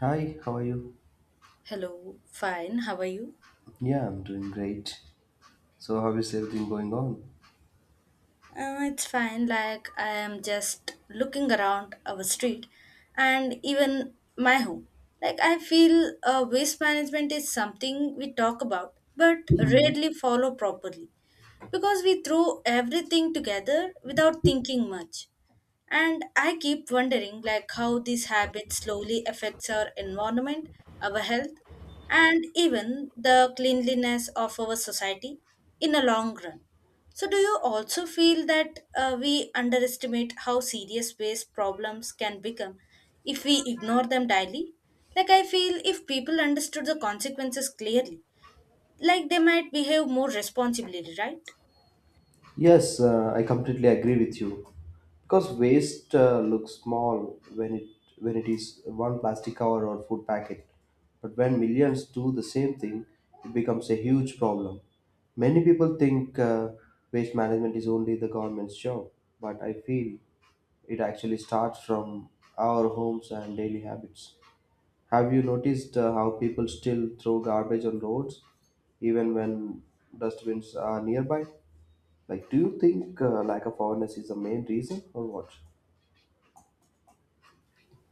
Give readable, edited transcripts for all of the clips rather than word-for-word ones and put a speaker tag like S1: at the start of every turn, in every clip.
S1: Hi, how are you?
S2: Hello, fine. How are you?
S1: Yeah, I'm doing great. So, how is everything going on?
S2: It's fine. Like, I am just looking around our street and even my home. Like, I feel waste management is something we talk about but rarely follow properly because we throw everything together without thinking much. And I keep wondering like how these habits slowly affects our environment, our health, and even the cleanliness of our society in a long run. So do you also feel that we underestimate how serious waste problems can become if we ignore them daily? Like I feel if people understood the consequences clearly, like they might behave more responsibly, right?
S1: Yes, I completely agree with you. Because waste looks small when it is one plastic cover or food packet, but when millions do the same thing, it becomes a huge problem. Many people think waste management is only the government's job, but I feel it actually starts from our homes and daily habits. Have you noticed how people still throw garbage on roads, even when dustbins are nearby? Like, do you think lack of awareness is the main reason, or what?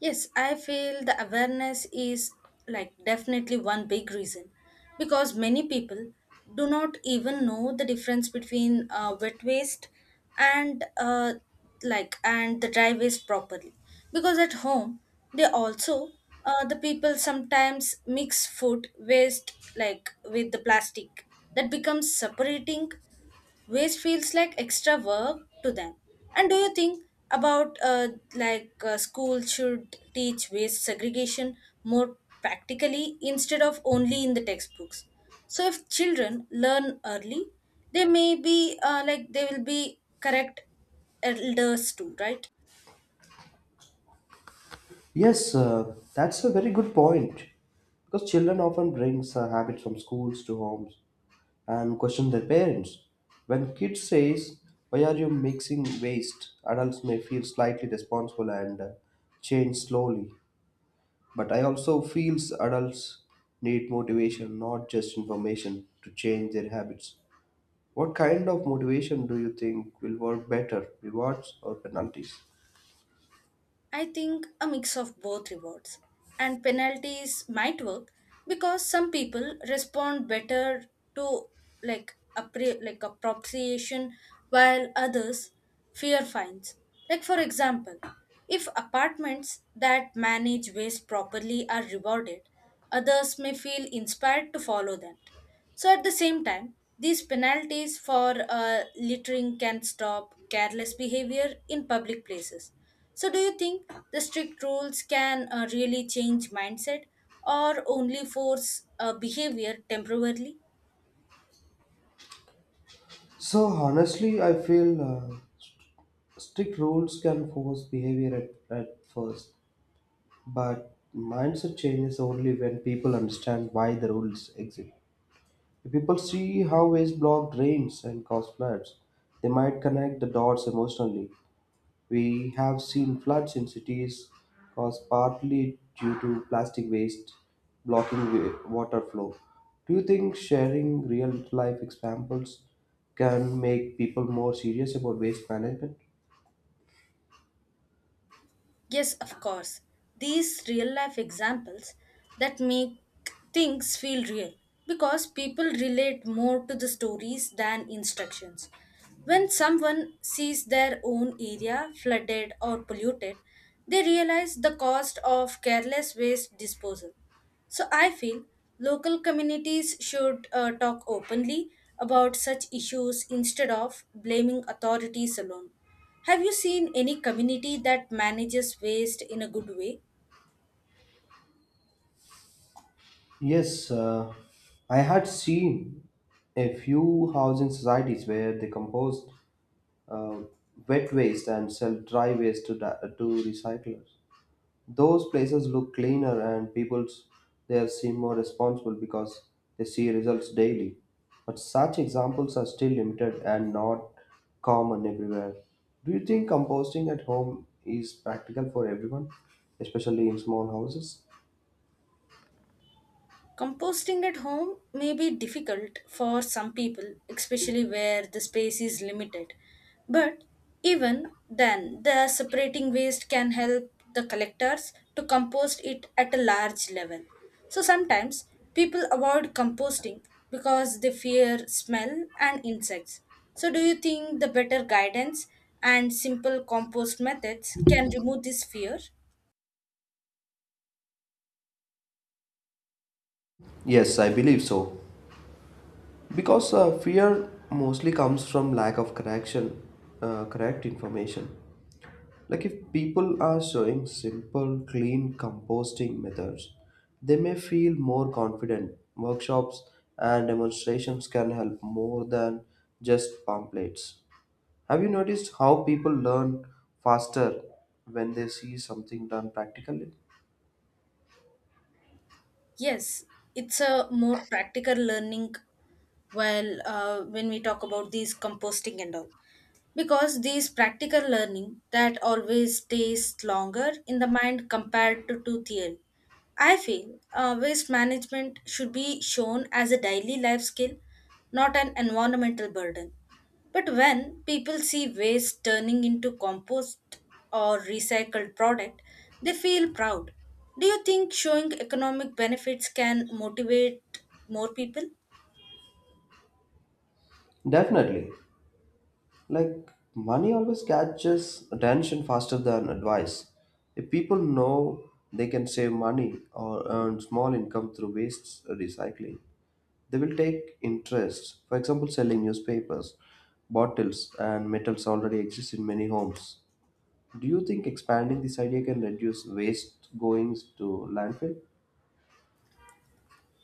S2: Yes, I feel the awareness is like definitely one big reason because many people do not even know the difference between wet waste and and the dry waste properly because at home they also the people sometimes mix food waste like with the plastic that becomes separating waste feels like extra work to them. And do you think about school should teach waste segregation more practically instead of only in the textbooks? So if children learn early, they may be they will be correct elders too, right?
S1: Yes, that's a very good point. Because children often brings habits from schools to homes and question their parents. When kids says, "Why are you mixing waste?" adults may feel slightly responsible and change slowly. But I also feels adults need motivation, not just information, to change their habits. What kind of motivation do you think will work better, rewards or penalties?
S2: I think a mix of both rewards and penalties might work because some people respond better to like appropriation while others fear fines. Like for example, if apartments that manage waste properly are rewarded, others may feel inspired to follow them. So at the same time, these penalties for littering can stop careless behavior in public places. So, do you think the strict rules can really change mindset or only force behavior temporarily?
S1: So honestly, I feel strict rules can force behavior at first, but mindset changes only when people understand why the rules exist. If people see how waste block drains and cause floods, they might connect the dots emotionally. We have seen floods in cities caused partly due to plastic waste blocking water flow. Do you think sharing real life examples can make people more serious about waste management?
S2: Yes, of course. These real life examples that make things feel real because people relate more to the stories than instructions. When someone sees their own area flooded or polluted, they realize the cost of careless waste disposal. So I feel local communities should talk openly about such issues instead of blaming authorities alone. Have you seen any community that manages waste in a good way?
S1: Yes, I had seen a few housing societies where they compost uh, wet waste and sell dry waste to recyclers. Those places look cleaner and people there seem more responsible because they see results daily. But such examples are still limited and not common everywhere. Do you think composting at home is practical for everyone, especially in small houses?
S2: Composting at home may be difficult for some people, especially where the space is limited. But even then, the separating waste can help the collectors to compost it at a large level. So sometimes people avoid composting because they fear smell and insects. So, do you think the better guidance and simple compost methods can remove this fear?
S1: Yes, I believe so. Because fear mostly comes from lack of correct information. Like if people are showing simple, clean composting methods, they may feel more confident. Workshops and demonstrations can help more than just pamphlets. Have you noticed how people learn faster when they see something done practically?
S2: Yes, it's a more practical learning while when we talk about these composting and all because these practical learning that always stays longer in the mind compared to theory. I feel waste management should be shown as a daily life skill, not an environmental burden, but when people see waste turning into compost or recycled product, they feel proud. Do you think showing economic benefits can motivate more people?
S1: Definitely. Like money always catches attention faster than advice. If people know they can save money or earn small income through waste recycling, they will take interest. For example, selling newspapers, bottles, and metals already exist in many homes. Do you think expanding this idea can reduce waste goings to landfill?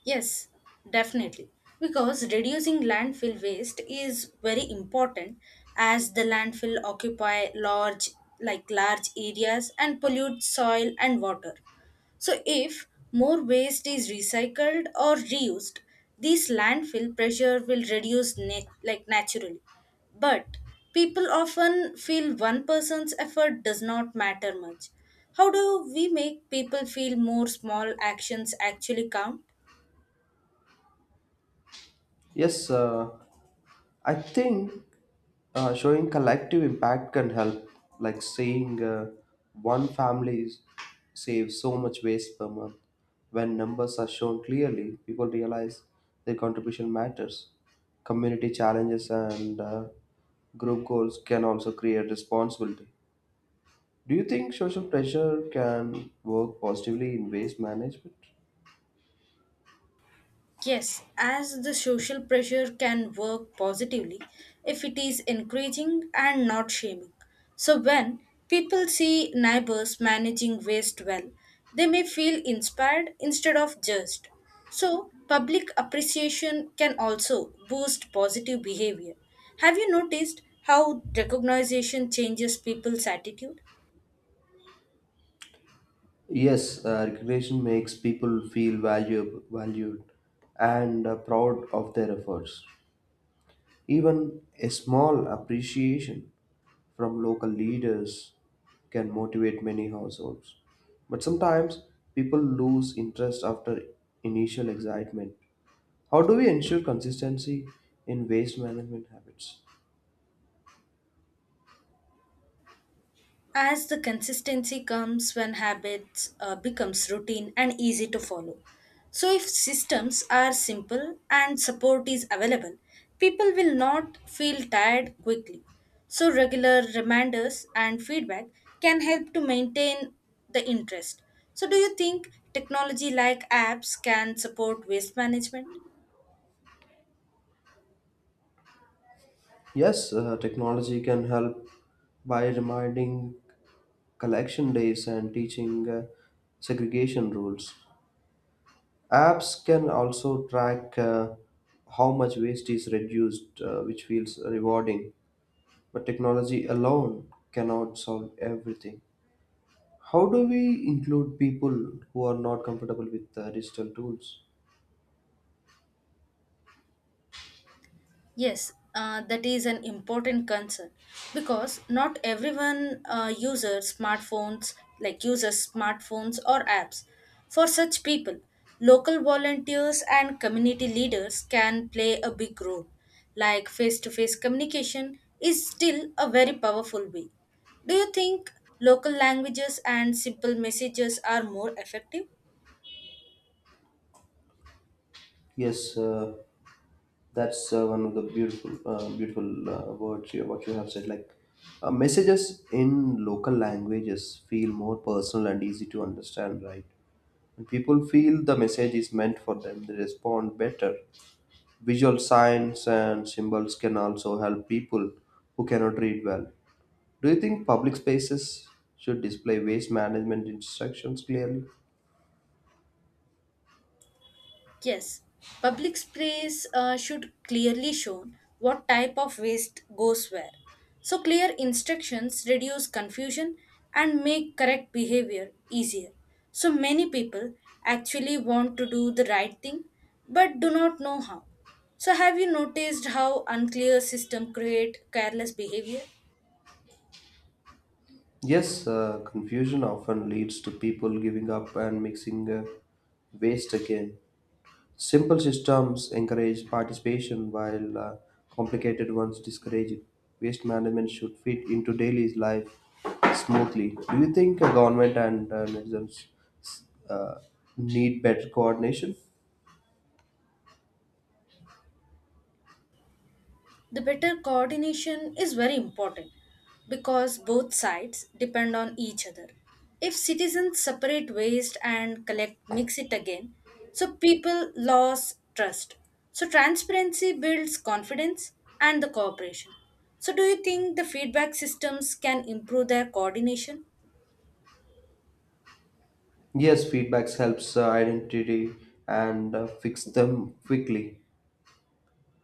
S2: Yes, definitely. Because reducing landfill waste is very important as the landfill occupy large areas and pollute soil and water. So if more waste is recycled or reused, this landfill pressure will reduce net like naturally. But people often feel one person's effort does not matter much. How do we make people feel more small actions actually count?
S1: Yes, I think showing collective impact can help, like saying one family saves so much waste per month. When numbers are shown clearly, people realize their contribution matters. Community challenges and group goals can also create responsibility. Do you think social pressure can work positively in waste management?
S2: Yes, as the social pressure can work positively if it is encouraging and not shaming. So, when people see neighbors managing waste well, they may feel inspired instead of judged. So, public appreciation can also boost positive behavior. Have you noticed how recognition changes people's attitude?
S1: Yes, recognition makes people feel valued and proud of their efforts. Even a small appreciation from local leaders can motivate many households. But sometimes people lose interest after initial excitement. How do we ensure consistency in waste management habits?
S2: As the consistency comes when habits becomes routine and easy to follow, so if systems are simple and support is available, people will not feel tired quickly. So regular reminders and feedback can help to maintain the interest. So do you think technology like apps can support waste management?
S1: Yes, technology can help by reminding collection days and teaching segregation rules. Apps can also track how much waste is reduced, which feels rewarding. But technology alone cannot solve everything. How do we include people who are not comfortable with digital tools?
S2: Yes, that is an important concern because not everyone uses smartphones or apps. For such people, local volunteers and community leaders can play a big role. Like face to face communication is still a very powerful way. Do you think local languages and simple messages are more effective?
S1: Yes, that's one of the beautiful words what you have said. Like messages in local languages feel more personal and easy to understand, right? When people feel the message is meant for them, they respond better. Visual signs and symbols can also help people who cannot read well. Do you think public spaces should display waste management instructions clearly?
S2: Yes, public space should clearly show what type of waste goes where. So clear instructions reduce confusion and make correct behavior easier. So many people actually want to do the right thing but do not know how. So have you noticed how unclear system create careless behavior?
S1: Yes, confusion often leads to people giving up and mixing waste again. Simple systems encourage participation, while complicated ones discourage it. Waste management should fit into daily life smoothly. Do you think government and netizens uh, need better coordination?
S2: The better coordination is very important because both sides depend on each other. If citizens separate waste and collect mix it again, so people lose trust. So transparency builds confidence and the cooperation. So do you think the feedback systems can improve their coordination?
S1: Yes, feedbacks helps identity and fix them quickly.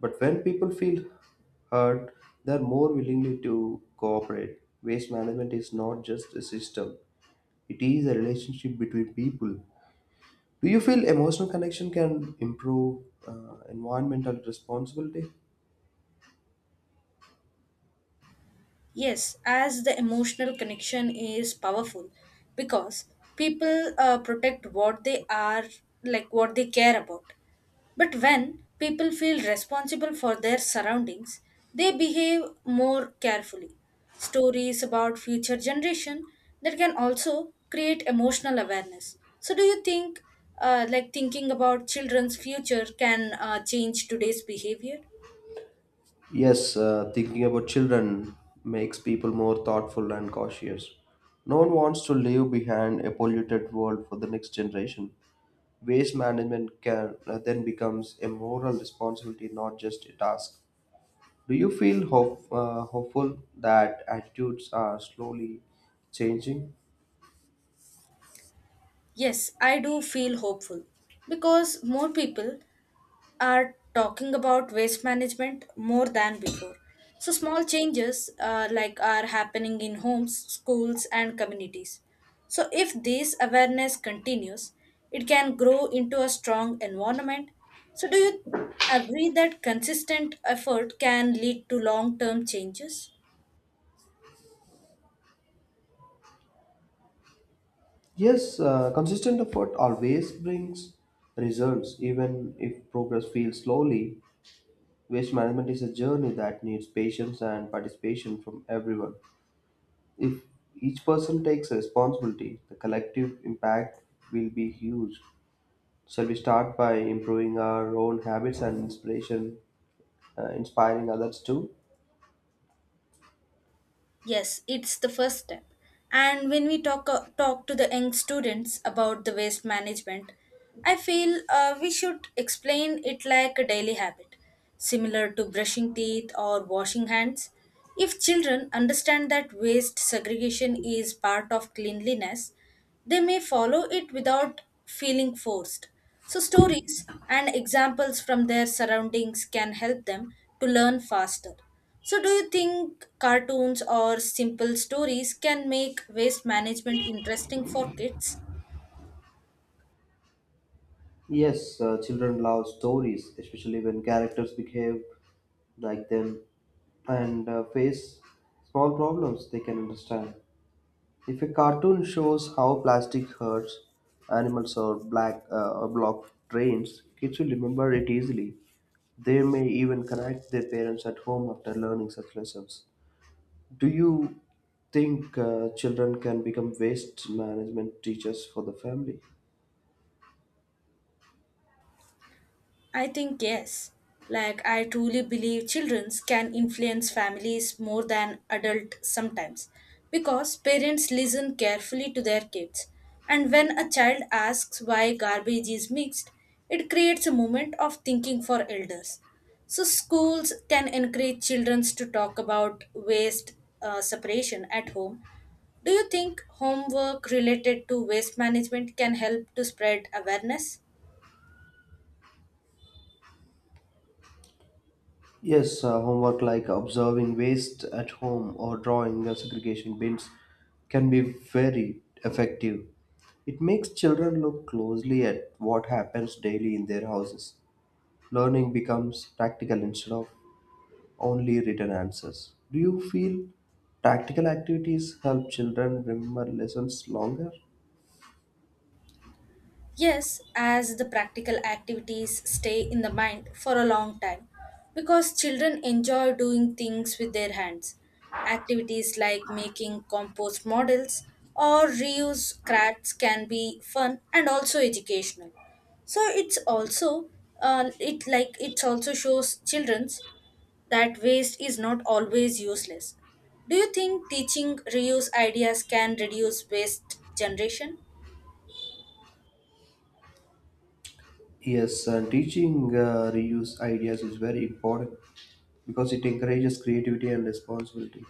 S1: But when people feel hurt, they're more willingly to cooperate. Waste management is not just a system; it is a relationship between people. Do you feel emotional connection can improve environmental responsibility?
S2: Yes, as the emotional connection is powerful because people protect what they are, like what they care about. But when people feel responsible for their surroundings, they behave more carefully. Stories about future generation that can also create emotional awareness. So, do you think, thinking about children's future, can change today's behavior?
S1: Yes, thinking about children makes people more thoughtful and cautious. No one wants to leave behind a polluted world for the next generation. Waste management can then becomes a moral responsibility, not just a task. Do you feel hopeful that attitudes are slowly changing?
S2: Yes, I do feel hopeful because more people are talking about waste management more than before. So small changes are happening in homes, schools and communities. So if this awareness continues, it can grow into a strong environment. So do you agree that consistent effort can lead to long-term changes?
S1: Yes, consistent effort always brings results, even if progress feels slowly. Waste management is a journey that needs patience and participation from everyone. If each person takes responsibility, the collective impact will be huge. Shall we start by improving our own habits and inspiring others too?
S2: Yes, it's the first step. And when we talk to the young students about the waste management, I feel we should explain it like a daily habit, similar to brushing teeth or washing hands. If children understand that waste segregation is part of cleanliness, they may follow it without feeling forced. So, stories and examples from their surroundings can help them to learn faster. So, do you think cartoons or simple stories can make waste management interesting for kids?
S1: Yes, children love stories, especially when characters behave like them and face small problems they can understand. If a cartoon shows how plastic hurts animals or black or block trains, kids will remember it easily. They may even connect their parents at home after learning such lessons. Do you think children can become waste management teachers for the family?
S2: I think yes. Like, I truly believe children can influence families more than adults sometimes because parents listen carefully to their kids. And when a child asks why garbage is mixed, it creates a moment of thinking for elders. So, schools can encourage children to talk about waste separation at home. Do you think homework related to waste management can help to spread awareness?
S1: Yes, homework like observing waste at home or drawing the segregation bins can be very effective. It makes children look closely at what happens daily in their houses. Learning becomes practical instead of only written answers. Do you feel practical activities help children remember lessons longer?
S2: Yes, as the practical activities stay in the mind for a long time because children enjoy doing things with their hands. Activities like making compost models or reuse crafts can be fun and also educational. So it also shows children's that waste is not always useless. Do you think teaching reuse ideas can reduce waste generation?
S1: Yes, and teaching reuse ideas is very important because it encourages creativity and responsibility.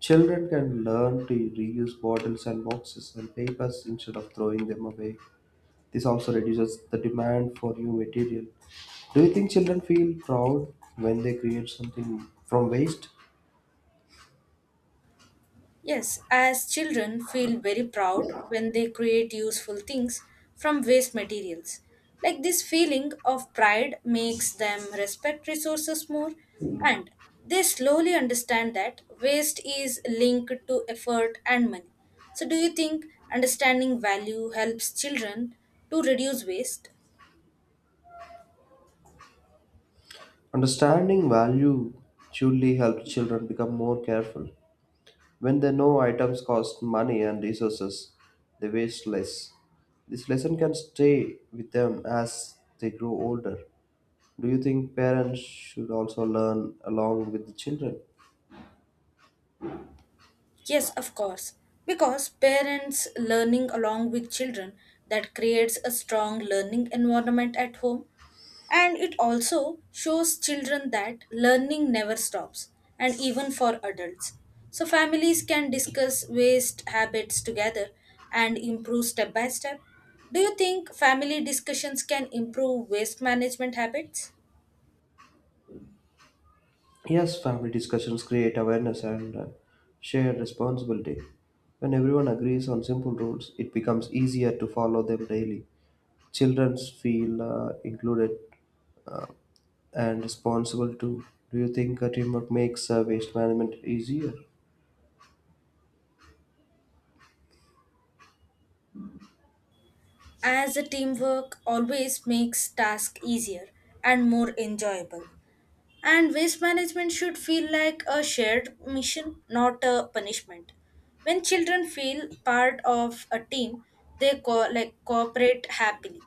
S1: Children can learn to reuse bottles and boxes and papers instead of throwing them away. This also reduces the demand for new material. Do you think children feel proud when they create something from waste?
S2: Yes, as children feel very proud when they create useful things from waste materials. Like this feeling of pride makes them respect resources more and they slowly understand that waste is linked to effort and money. So do you think understanding value helps children to reduce waste?
S1: Understanding value surely helps children become more careful. When they know items cost money and resources, they waste less. This lesson can stay with them as they grow older. Do you think parents should also learn along with the children?
S2: Yes, of course. Because parents learning along with children that creates a strong learning environment at home and it also shows children that learning never stops and even for adults. So families can discuss waste habits together and improve step by step. Do you think family discussions can improve waste management habits?
S1: Yes, family discussions create awareness and shared responsibility. When everyone agrees on simple rules, it becomes easier to follow them daily. Children feel included and responsible too. Do you think teamwork makes waste management easier?
S2: As a teamwork always makes tasks easier and more enjoyable. And waste management should feel like a shared mission, not a punishment. When children feel part of a team, they cooperate happily.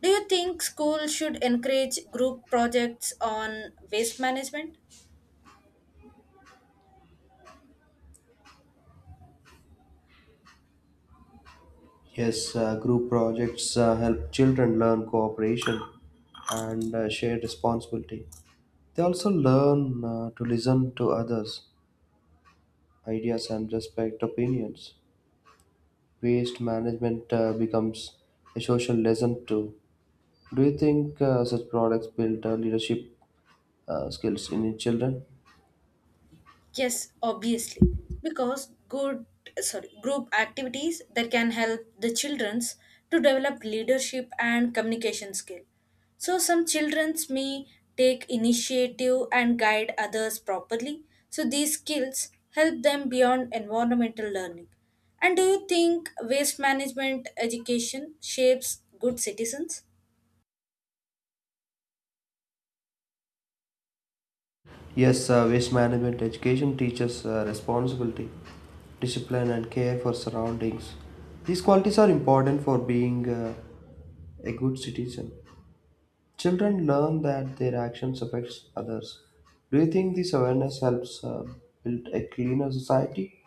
S2: Do you think schools should encourage group projects on waste management?
S1: Yes, group projects help children learn cooperation and shared responsibility. They also learn to listen to others, ideas, and respect opinions. Waste management becomes a social lesson too. Do you think such products build leadership skills in children?
S2: Yes, obviously, because good sorry group activities that can help the childrens to develop leadership and communication skill. So some childrens may take initiative and guide others properly. So these skills help them beyond environmental learning. And do you think waste management education shapes good citizens?
S1: Yes, waste management education teaches responsibility, discipline, and care for surroundings. These qualities are important for being a good citizen. Children learn that their actions affects others. Do you think this awareness helps build a cleaner society?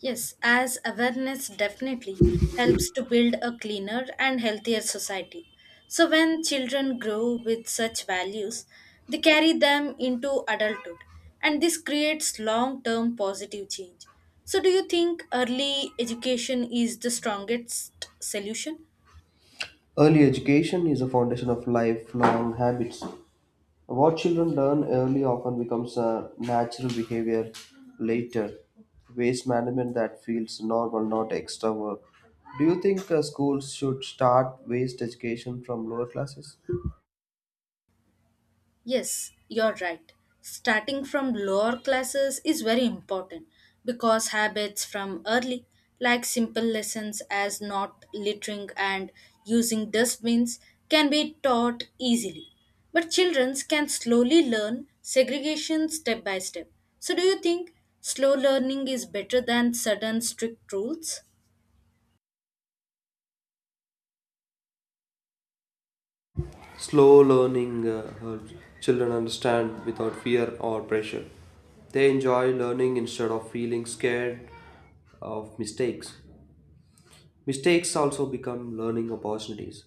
S2: Yes, as awareness definitely helps to build a cleaner and healthier society. So, when children grow with such values, they carry them into adulthood, and this creates long term positive change. So, do you think early education is the strongest solution?
S1: Early education is the foundation of lifelong habits. What children learn early often becomes a natural behavior later. Waste management that feels normal, not extra work. Do you think schools should start waste education from lower classes?
S2: Yes, you're right. Starting from lower classes is very important because habits from early, like simple lessons as not littering and using dustbins, can be taught easily. But children can slowly learn segregation step by step. So, do you think slow learning is better than sudden strict rules?
S1: Slow learning helps children understand without fear or pressure. They enjoy learning instead of feeling scared of mistakes. Mistakes also become learning opportunities.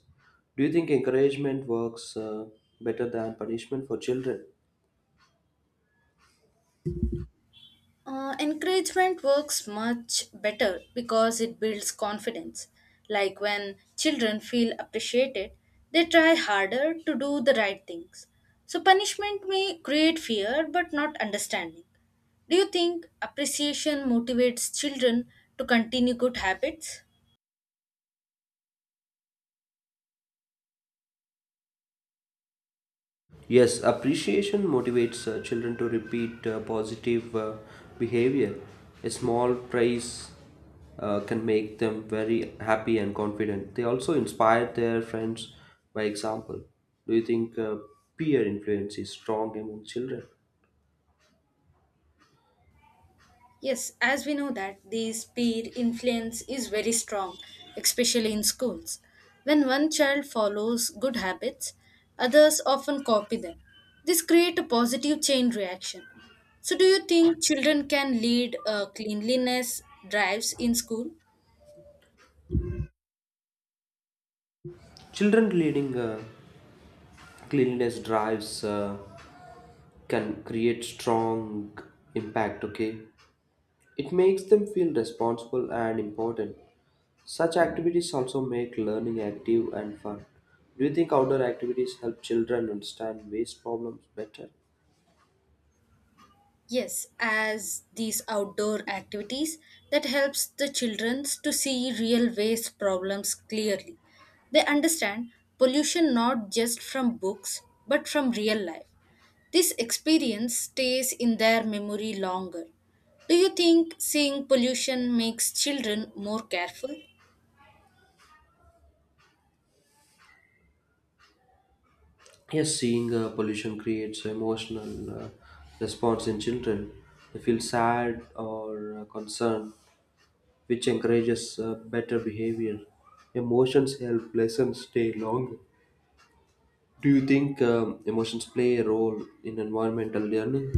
S1: Do you think encouragement works better than punishment for children?
S2: Encouragement works much better because it builds confidence. Like when children feel appreciated, they try harder to do the right things. So, punishment may create fear but not understanding. Do you think appreciation motivates children to continue good habits?
S1: Yes, appreciation motivates children to repeat positive behavior. A small praise can make them very happy and confident. They also inspire their friends by example. Do you think peer influence is strong among children?
S2: Yes, as we know that the peer influence is very strong, especially in schools. When one child follows good habits, others often copy them. This creates a positive chain reaction. So do you think children can lead cleanliness drives in school?
S1: Children leading cleanliness drives can create strong impact. Okay, it makes them feel responsible and important. Such activities also make learning active and fun. Do you think outdoor activities help children understand waste problems better?
S2: Yes, as these outdoor activities that helps the children to see real waste problems clearly. They understand pollution not just from books but from real life. This experience stays in their memory longer. Do you think seeing pollution makes children more careful?
S1: Yes, seeing pollution creates emotional response in children. They feel sad or concerned, which encourages better behavior. Emotions help lessons stay longer. Do you think emotions play a role in environmental learning?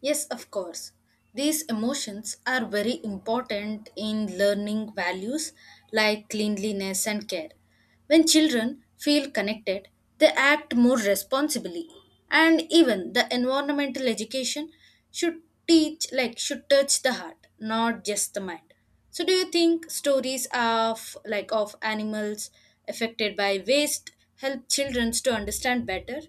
S2: Yes, of course. These emotions are very important in learning values like cleanliness and care. When children feel connected, they act more responsibly. And even the environmental education should teach, like, should touch the heart, not just the mind. So, do you think stories of animals affected by waste help children to understand better?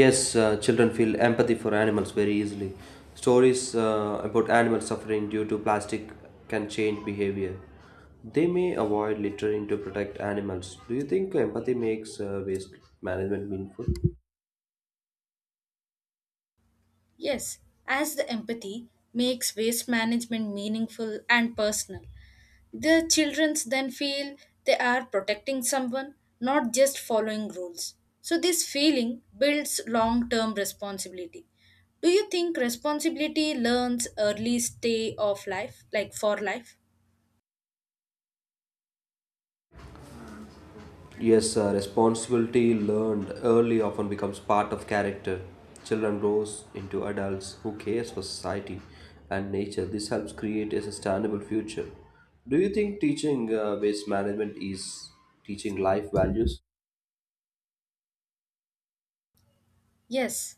S1: Yes, children feel empathy for animals very easily. Stories about animal suffering due to plastic can change behavior. They may avoid littering to protect animals. Do you think empathy makes waste management meaningful?
S2: Yes, as the empathy makes waste management meaningful and personal. The children then feel they are protecting someone, not just following rules. So, this feeling builds long term responsibility. Do you think responsibility learns early stay of life, like for life?
S1: Yes, responsibility learned early often becomes part of character. Children grows into adults who cares for society and nature. This helps create a sustainable future. Do you think teaching waste management is teaching life values?
S2: Yes,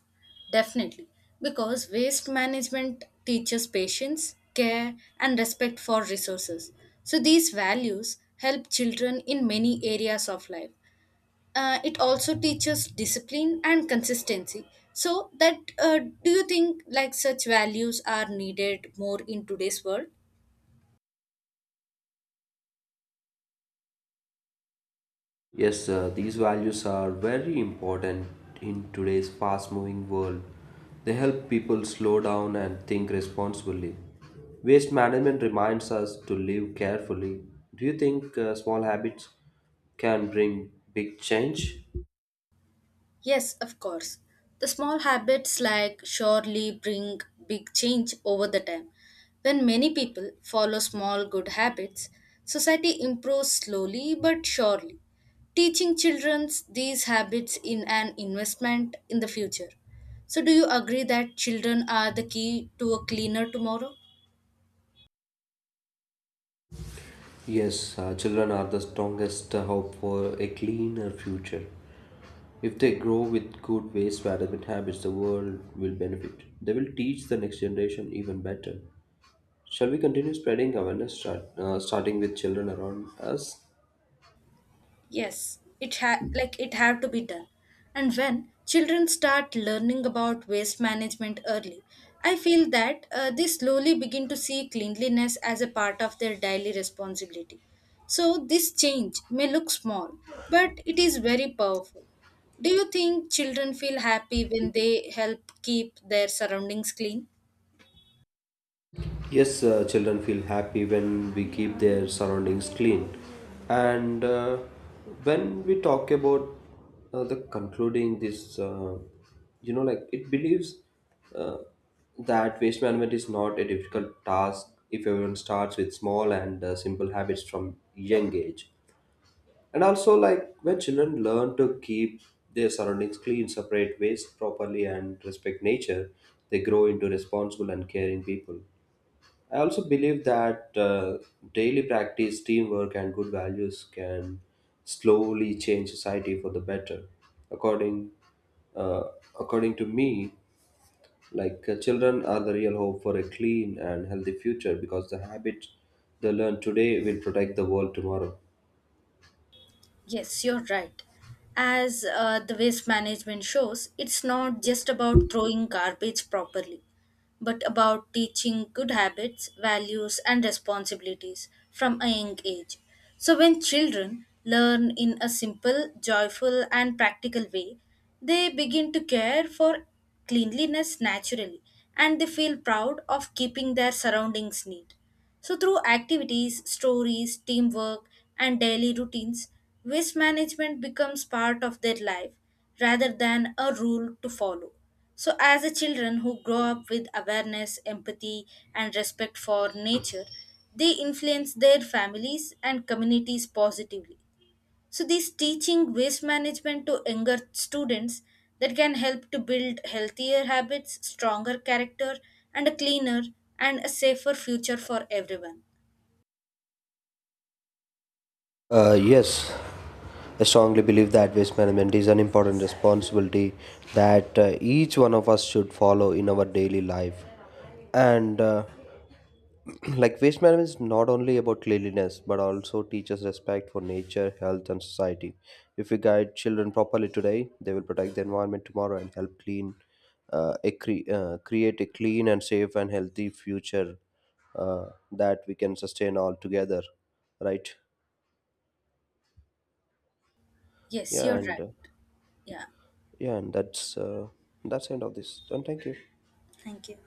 S2: definitely. Because waste management teaches patience, care, and respect for resources. So, these values help children in many areas of life. It also teaches discipline and consistency. So, that do you think like such values are needed more in today's world?
S1: Yes, sir, these values are very important in today's fast moving world. They help people slow down and think responsibly. Waste management reminds us to live carefully. Do you think small habits can bring big change?
S2: Yes, of course. The small habits like surely bring big change over the time. When many people follow small good habits, society improves slowly but surely. Teaching children these habits in an investment in the future. So do you agree that children are the key to a cleaner tomorrow?
S1: Yes, children are the strongest hope for a cleaner future. If they grow with good waste management habits, the world will benefit. They will teach the next generation even better. Shall we continue spreading awareness, starting with children around us?
S2: Yes, it had to be done. And when children start learning about waste management early, I feel that they slowly begin to see cleanliness as a part of their daily responsibility. So this change may look small, but it is very powerful. Do you think children feel happy when they help keep their surroundings clean?
S1: Yes, children feel happy when we keep their surroundings clean. And when we talk about the concluding this, like it believes uh, that waste management is not a difficult task if everyone starts with small and simple habits from young age. And also, like when children learn to keep their surroundings clean, separate waste properly, and respect nature, they grow into responsible and caring people. I also believe that daily practice, teamwork, and good values can slowly change society for the better. According, uh, According to me, like children are the real hope for a clean and healthy future because the habits they learn today will protect the world tomorrow.
S2: Yes, you're right. As the waste management shows, it's not just about throwing garbage properly, but about teaching good habits, values, and responsibilities from a young age. So, when children learn in a simple, joyful, and practical way, they begin to care for cleanliness naturally and they feel proud of keeping their surroundings neat. So, through activities, stories, teamwork, and daily routines, waste management becomes part of their life rather than a rule to follow. So, as a children who grow up with awareness, empathy, and respect for nature, they influence their families and communities positively. So these teaching waste management to younger students that can help to build healthier habits, stronger character, and a cleaner and a safer future for everyone.
S1: Yes, I strongly believe that waste management is an important responsibility that each one of us should follow in our daily life. And like waste management is not only about cleanliness but also teaches respect for nature, health, and society. If we guide children properly today, they will protect the environment tomorrow and help create a clean and safe and healthy future that we can sustain all together. Right?
S2: Yes,
S1: Yeah,
S2: you're
S1: and.
S2: right. Yeah.
S1: Yeah and that's end of this and thank you
S2: Thank you.